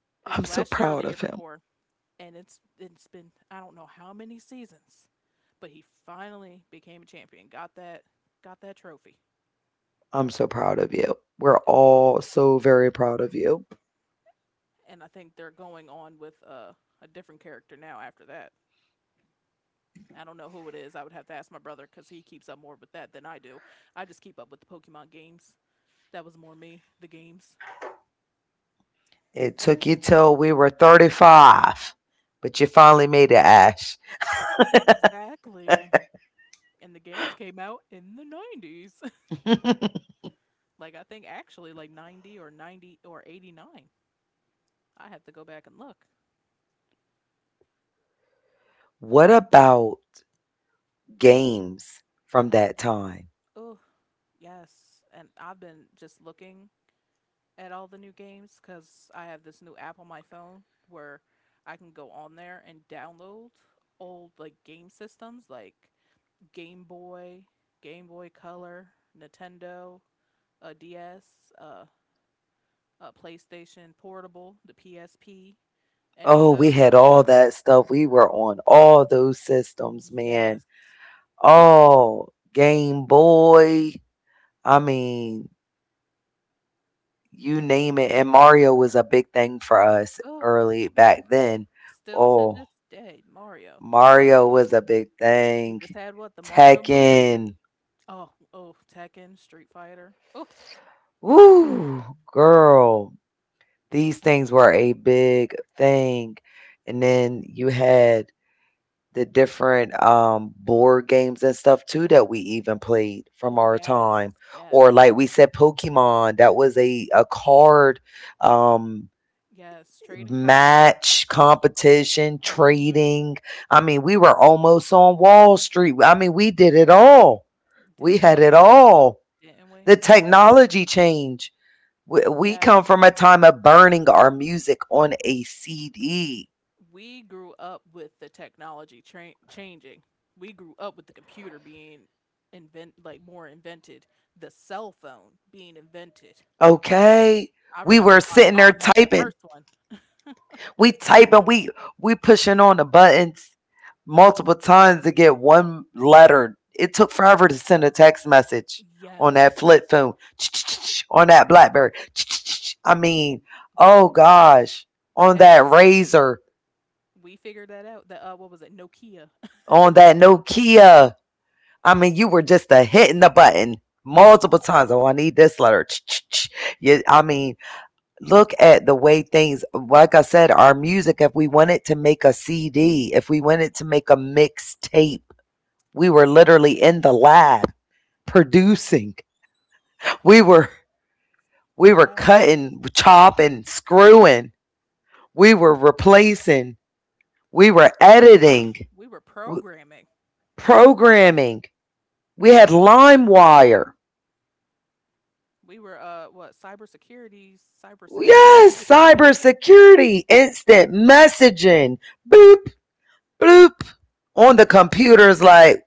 It was I'm last so year or the year proud of before. him. And it's been I don't know how many seasons, but he finally became a champion. Got that trophy, I'm so proud of you. We're all so very proud of you. and I think they're going on with a different character now after that. I don't know who it is. I would have to ask my brother because he keeps up more with that than I do. I just keep up with the Pokemon games. That was more me, the games. It took you till we were 35, but you finally made it, Ash. Exactly. And the games came out in the 90s. I think actually like 90 or 90 or 89. I have to go back and look. What about games from that time? Oh, Yes, and I've been just looking at all the new games because I have this new app on my phone where I can go on there and download old like game systems like Game Boy, Game Boy Color, Nintendo, a DS, uh, a PlayStation Portable, the PSP, any of Oh, those. we had all that stuff. We were on all those systems, Yes, man. Oh, Game Boy. I mean, and you name it. And Mario was a big thing for us oh, early back then. still to this Oh, day, Mario. The what? Mario was a big We just thing. had what? The Mario movie. Tekken. Oh, oh, Tekken, Street Fighter. Oh, Woo, girl. These things were a big thing, and then you had the different, board games and stuff too that we even played oh from our yes, time, yes, or like we said, Pokemon, that was a card, um, yes. Trading card game. match, competition, Mhm. trading. I mean, we were almost on Wall Street. I mean, we did it all. Didn't We we? had it all. Didn't we? The technology change. We Yes. come from a time of burning our music on a CD. We grew up with the technology changing. We grew up with the computer being invent like more invented, the cell phone being invented. Okay? I remember We my were mom sitting having there the first typing. one. We typing, we pushing on the buttons multiple times to get one letter. It took forever to send a text message Yes. on that flip phone, on that BlackBerry. I mean, But oh gosh, but hey, on that Razor, we figured that out. That what was it? Nokia. on that Nokia. I mean, you were just a hitting the button multiple times. Oh, I need this letter. Yeah, I mean, look at the way things. Like I said, our music. If we wanted to make a CD, if we wanted to make a mixtape, we were literally in the lab producing. We were yeah, we were cutting, chopping, screwing. We were replacing. We were editing, we were w- programming. programming. We had LimeWire. We were what, cybersecurity. Yes, cybersecurity, instant messaging, boop, bloop, on the computers, like,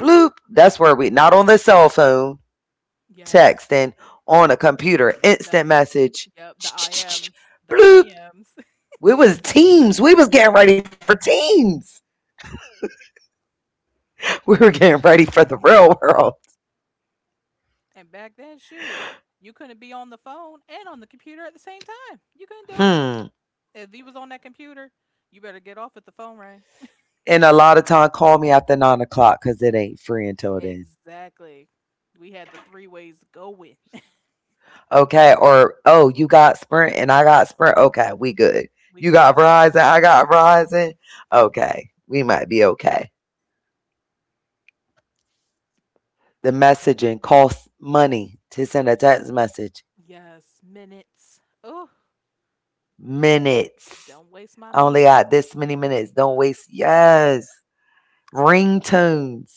bloop. That's where we, not on the cell phone, yes. texting, on a computer, The instant yep, message, the IMs, the bloop. IMs. We was teams. We was getting ready for teams. We were getting ready for the real world. And back then, shoot, you couldn't be on the phone and on the computer at the same time. You couldn't do it. Hmm. If you was on that computer, you better get off if the phone rang. And a lot of time, call me after 9 o'clock because it ain't free until then. Exactly. We had the three ways going. Okay, or oh, you got Sprint and I got Sprint, okay, we good. We You good. got Verizon, I got Verizon, okay, we might be okay. The messaging costs money to send a text message. Yes, minutes. Oh, don't Minutes. waste my I minutes. only got this many minutes. Don't waste. Yes. Ringtones.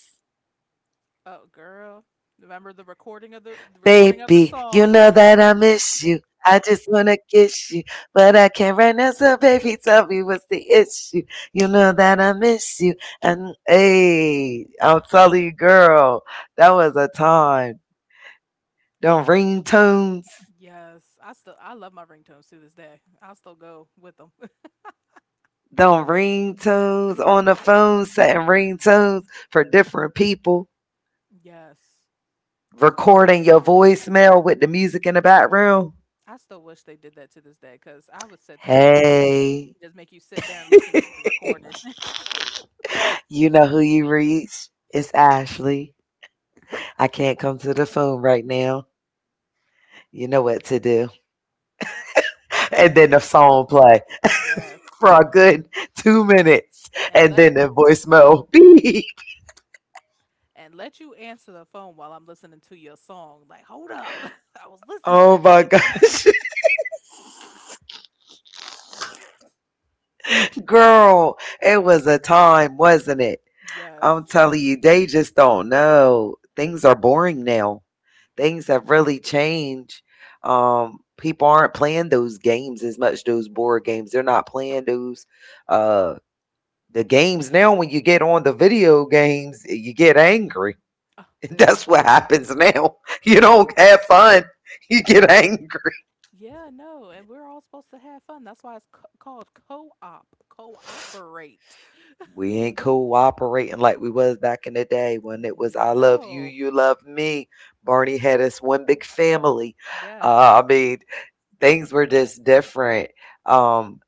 Oh, girl. Remember the recording of the recording of the Baby, song? you know that I miss you. I just wanna kiss you, but I can't right now. So baby, tell me what's the issue. You know that I miss you. And hey, I'm telling you, girl, that was a time. Don't ring tones. Yes, I still I love my ringtones to this day. I'll still go with them. Don't ring tones on the phone, setting ring tones for different people. yes, Recording your voicemail with the music in the background. I still wish they did that to this day because I would sit there and just Hey. make you sit there and listen to the recording. You know who you reach? It's Ashley. I can't come to the phone right now. You know what to do. And then the song play yes, for a good 2 minutes. and let And then the voicemail beep. and let you answer the phone while I'm listening to your song. Like, hold up, I was listening to Oh that. my gosh. Girl, it was a time, wasn't it? Yes. I'm telling you, they just don't know. Things are boring now. Things have really changed. People aren't playing those games as much, those board games. They're not playing those. Uh, The games now, when you get on the video games, you get angry. Ah, ooh, That's what happens now. You ooh. don't have fun. You get angry. Yeah, no, and we're all supposed to have fun. That's why it's called co-op, cooperate. We ain't cooperating like we was back in the day when it was I No. love you, you love me. Barney had us one big family. Yes. I mean, things were just different. Um,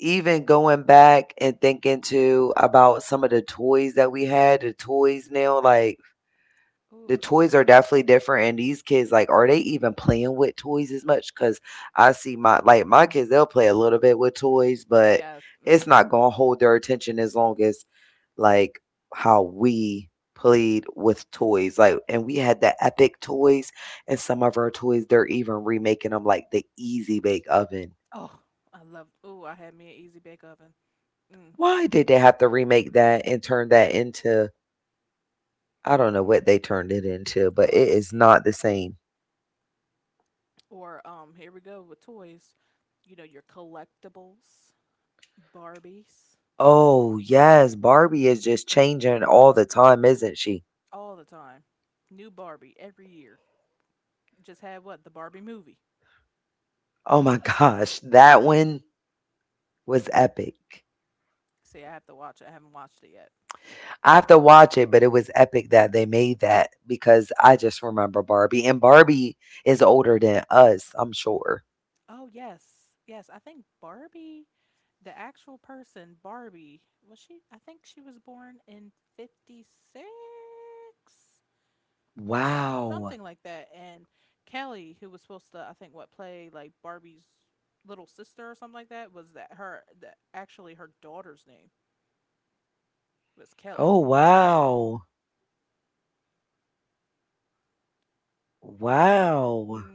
Even going back and thinking to about some of the toys that we had, the toys now, like, Ooh. the toys are definitely different, and these kids, like, are they even playing with toys as much? Cause I see my, like, my kids, they'll play a little bit with toys, Yes. but Mm-hmm. it's not gonna hold their attention as long as, like, how we played with toys, like, and we had the epic toys, and some of our toys, they're even remaking them, like the Easy Bake Oven. Oh, I love. Ooh, I had me an easy bake oven. Mm. Why did they have to remake that and turn that into, I don't know what they turned it Ooh. into, but it is not the same. Or here we go with toys. You know your collectibles, Barbies, Oh, yes, Barbie is just changing all the time, isn't she? all the time. New Barbie every year. Just had what the Barbie movie. Oh my gosh, that one was epic. See, I have to watch it. I haven't watched it yet. I have to watch it, but it was epic that they made that because I just remember Barbie. And Barbie is older than us, I'm sure. Oh yes, yes. I think Barbie, the actual person, Barbie was she? I think she was born in 56. Something like Wow. that. And Kelly, who was supposed to, I think, what play like Barbie's little sister or something like that, was that her that actually her daughter's name was Kelly. Oh, wow. Hmm. Wow.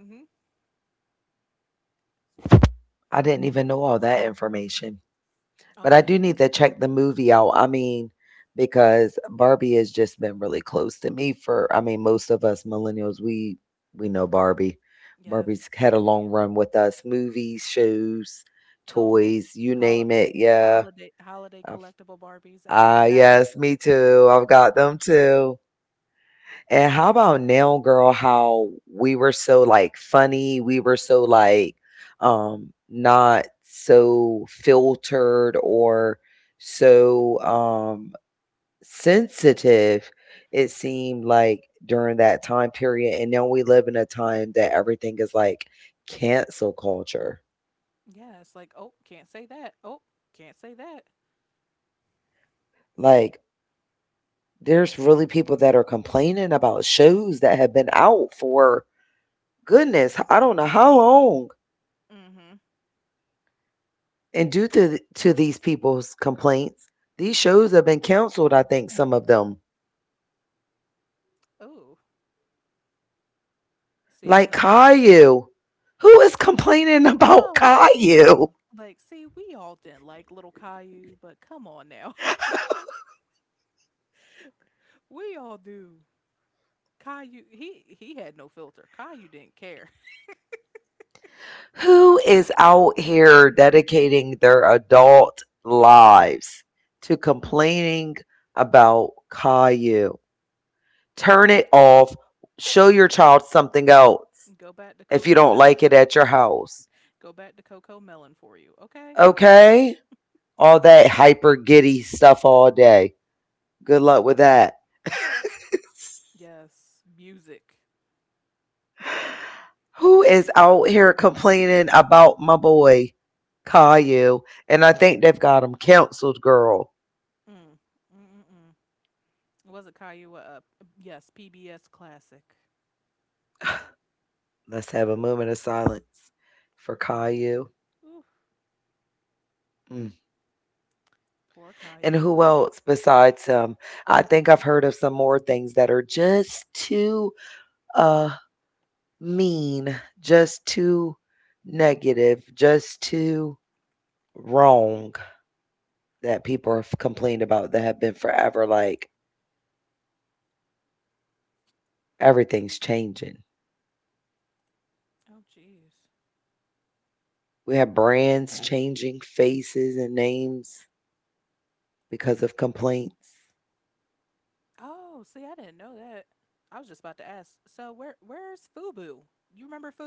I didn't even know all that information. Oh But I yes, do need to check the movie out. I mean, because Barbie has just been really close to me for, I mean, most of us millennials, we know Barbie. yes. Barbie's had a long run with us, movies, shows, Dolls, toys, you hol- name it. Yeah. holiday I've, collectible Barbies, as I have. yes, me too. I've got them too. And how about now, girl, how we were so, like, funny, we were so, like, not so filtered or so sensitive, it seemed like during that time period, and now we live in a time that everything is like cancel culture. Yes, like oh, can't say that. Oh, can't say that. Like there's really people that are complaining about shows that have been out for goodness, I don't know how long. Mm-hmm. And due to to these people's complaints, these shows have been canceled, I think some of them. Oh, see, I'm not. Like Caillou. Who is complaining Oh, about Caillou? like see, we all didn't like Little Caillou, but come on now, we all do. Caillou he had no filter. Caillou didn't care. Who is out here dedicating their adult lives to complaining about Caillou? Turn it off. Show your child something Go else back to Coco if you melon. don't like it at your house. Go back to Coco melon for you, okay? It's okay. Okay? If you don't All look good. that hyper giddy stuff all day. Good luck with that. Yes, music. Who is out here complaining about my boy Caillou? And I think they've got him counseled, girl. Mm. Mm-mm-mm. Was it Caillou? Yes, PBS classic Let's have a moment of silence for for Caillou. Caillou. Ooh, Mm. poor Caillou. And who else besides him? I think I've heard of some more things that are just too uh mean, just too negative, just too wrong that people have complained about that have been forever, like everything's changing. Oh, jeez. We have brands changing faces and names because of complaints. Oh, see, I didn't know that. I was just about to ask. So, where's Fubu? You remember Fubu?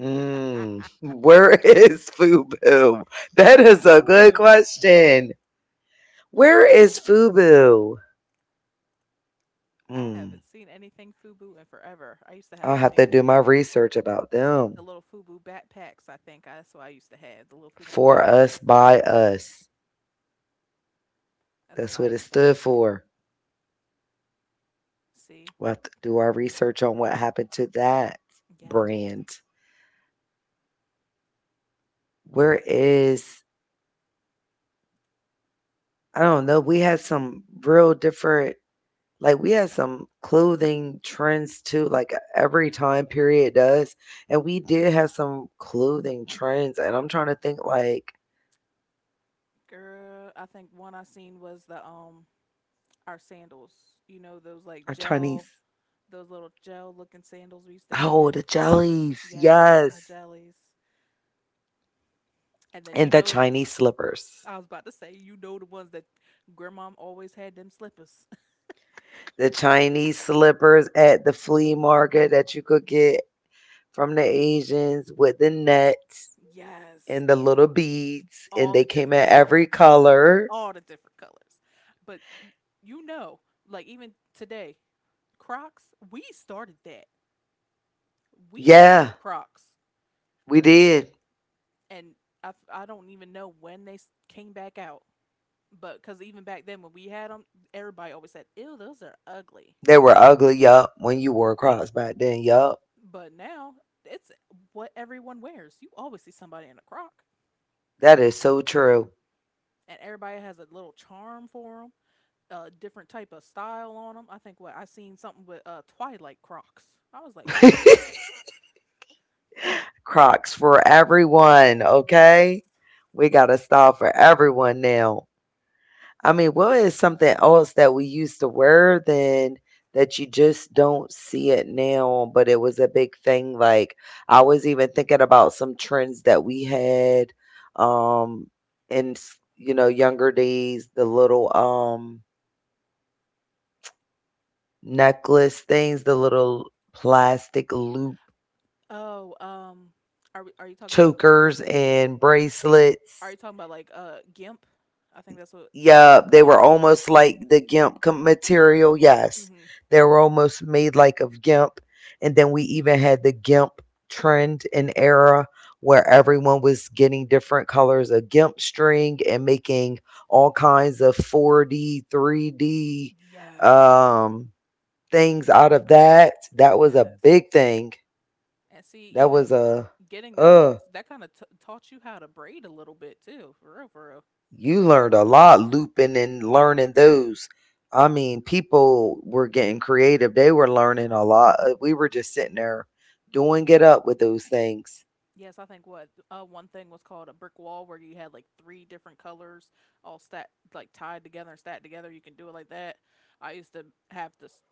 Mm, where is FUBU? Where is That is a Fubu? good question. Where is FUBU? I haven't seen Mm, anything Fubu in forever. I used to have, I think, I'll have to do my research about the little them. FUBU backpacks, I think, that's what I used to have, the little FUBU backpack, For us, by us. that's what I used That's to what have. it stood for. See? We'll have to do Mm, our research on what happened to that yes. brand. Where is, I don't know, we had some real different, like, we had some clothing trends too, like, every time period does, and we did have some clothing trends, and I'm trying to think, like, Girl, I think one I seen was our sandals, you know, those, like, our gel Chinese, those little gel-looking sandals we used to have? oh, the jellies, Yes, our yes, jellies. And then, you know and the Chinese I was slippers. about to say, you know the ones that grandmom always had them slippers. The Chinese slippers at the flea market that you could get from the Asians with the nets Yes, and the little all beads, the and they different came in colors, every all the color. different colors. But y you know, like, even today, Crocs, we started that. We started Yeah, Crocs, we did. and I don't even know when came back out. But because even back then when we had them, everybody always said, "Ew, those are ugly." They were ugly, yup, when you wore Crocs back then, yup. But now it's what everyone wears. You always see somebody in a Croc, That is so true. and everybody has a little charm for them, a different type of style on them. I think what I seen something with Twilight Crocs. I was like, "What?" Crocs for everyone, Yeah. okay? We got a style for everyone now. I mean, what is something else that we used to wear then that you just don't see it now, but it was a big thing? Like, I was even thinking about some trends that we had um in s- you know, younger days, the little necklace things, the little plastic loop Oh, um, are you talking about chokers and bracelets. like GIMP? I think that's what it's called. Yeah, they were almost like the GIMP com material, Hmm. yes. They were almost made like of GIMP, and then we even had the GIMP trend and era where everyone was getting different colors of GIMP string and making all kinds of 4D, 3D, Yes, um, things out of that. That was yes. a big thing. And see, even That was a getting those that Ugh. kind of taught you how to braid a little bit too, for real, for real. You learned a lot looping and learning those. I mean, people were getting creative. They were learning a lot. We were just sitting there doing it up with those things. Yes, I think what one thing was called a brick wall, where you had like three different colors all stat like tied together and stacked together. You can do it like that. I used to have this.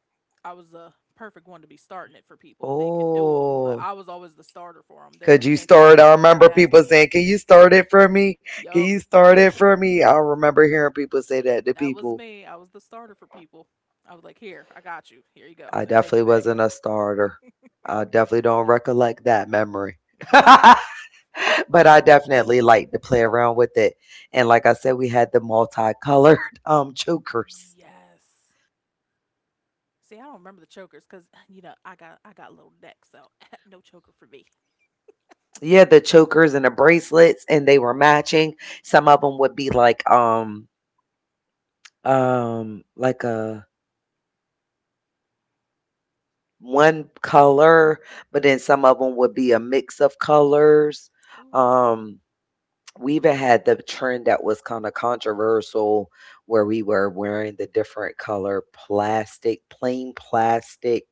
I was the perfect one to be starting it for people. They could do them, but I was Oh, always the starter for them. They always came to could you ask start? me. I Yes, remember people saying, can you start it for me? yep. Can you start it for me? I remember hearing people say That that was to me. I people. was the starter for people. I was like, "Here, I got you. Here you go. Now take it I back." definitely wasn't a starter. I definitely don't recollect that memory. Yes. But I definitely like to play around with it. And like I said, we had the multicolored chokers. Yes. See, I don't remember the chokers because you know I got a little neck, so no choker for me. Yeah, the chokers and the bracelets, and they were matching. Some of them would be like a one color, but then some of them would be a mix of colors. Ooh. Um, we even had the trend that was kind of controversial, where we were wearing the different color plastic, plain plastic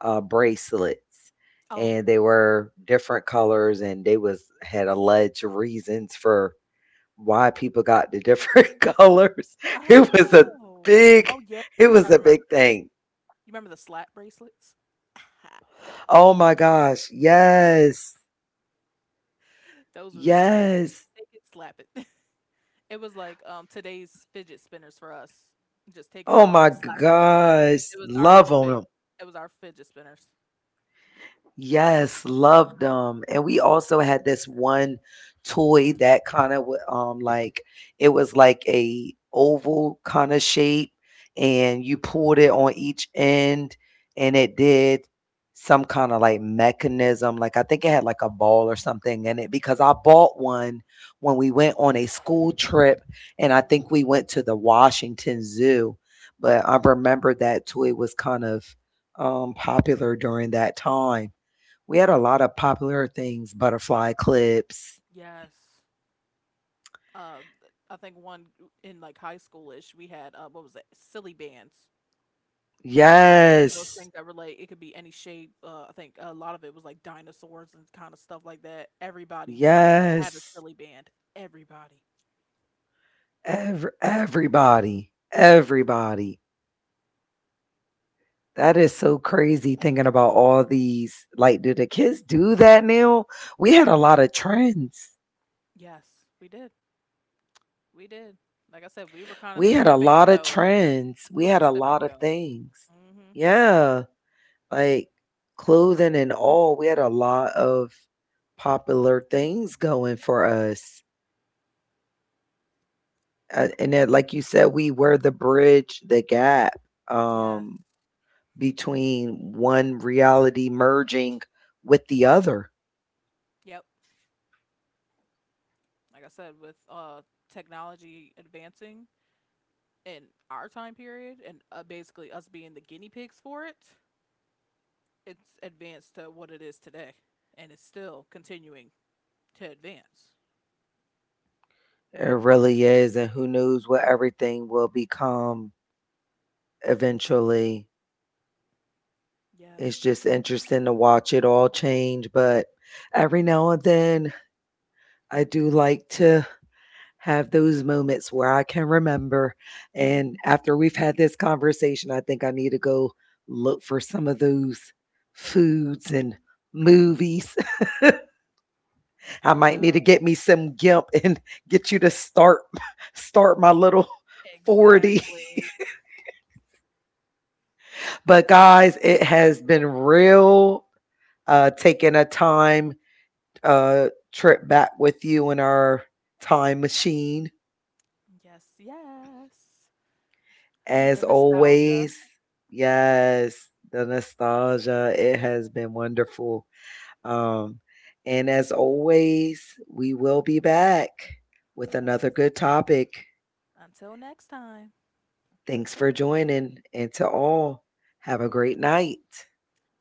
bracelets, Oh. and they were different colors, and they was had alleged reasons for why people got the different colors. It was Oh. a Oh yeah. I big, think I it remember. was a big thing. You remember the slap bracelets? Oh my gosh, yes, Those were the things. Just take it, yes. slap it. it was like today's fidget spinners for us. Just taking it off and Oh slapping my it on. It was our gosh, little fit. love on It them. was our fidget spinners. Yes, loved them. And we also had this one toy that kind of like, it was like a oval kind of shape, and you pulled it on each end, and it did some kind of like mechanism, like, I think it had like a ball or something in it, because I bought one when we went on a school trip, Ooh. and I think we went to the Washington Zoo. But I remember that toy was kind of popular during that time. We had a lot of popular things, butterfly clips. Yes. Uh, I think one in like high schoolish, we had what was it? Silly bands. Those things that Yes. relate. It could be any shape. I think a lot of it was like dinosaurs and kind of stuff like that. Everybody had a silly Yes. band. Everybody. Everybody. Everybody. That is so crazy thinking about all these. Like, do the kids do that now? We had a lot of trends. Yes, we did. We did. Like I said, we were kind of the stepping We had a stone. lot of We were the trends. We stepping had a stone. lot of Mm-hmm. things. Yeah. Like clothing and all. We had a lot of popular things going for us. And then, like you said, we were the bridge, the gap, Yes. um, between one reality merging with the other. Yep. Like I said, with technology advancing in our time period and basically us being the guinea pigs for it, it's advanced to what it is today, and it's still continuing to advance. It really is. And who knows what everything will become eventually. Yes, It's just interesting to watch it all change. But every now and then, I do like to have those moments where I can remember. And after we've had this conversation, I think I need to go look for some of those foods and movies. I I know might need to get me some gimp and get you to start start my little 40. exactly. But guys, it has been real taking a time trip back with you in our time machine. Yes, yes. The As nostalgia. always, yes, the nostalgia, it has been wonderful. Um, and as always, we will be back with Yes. another good topic. Until next time. Thanks for joining, and to all, have a great night. Bye bye.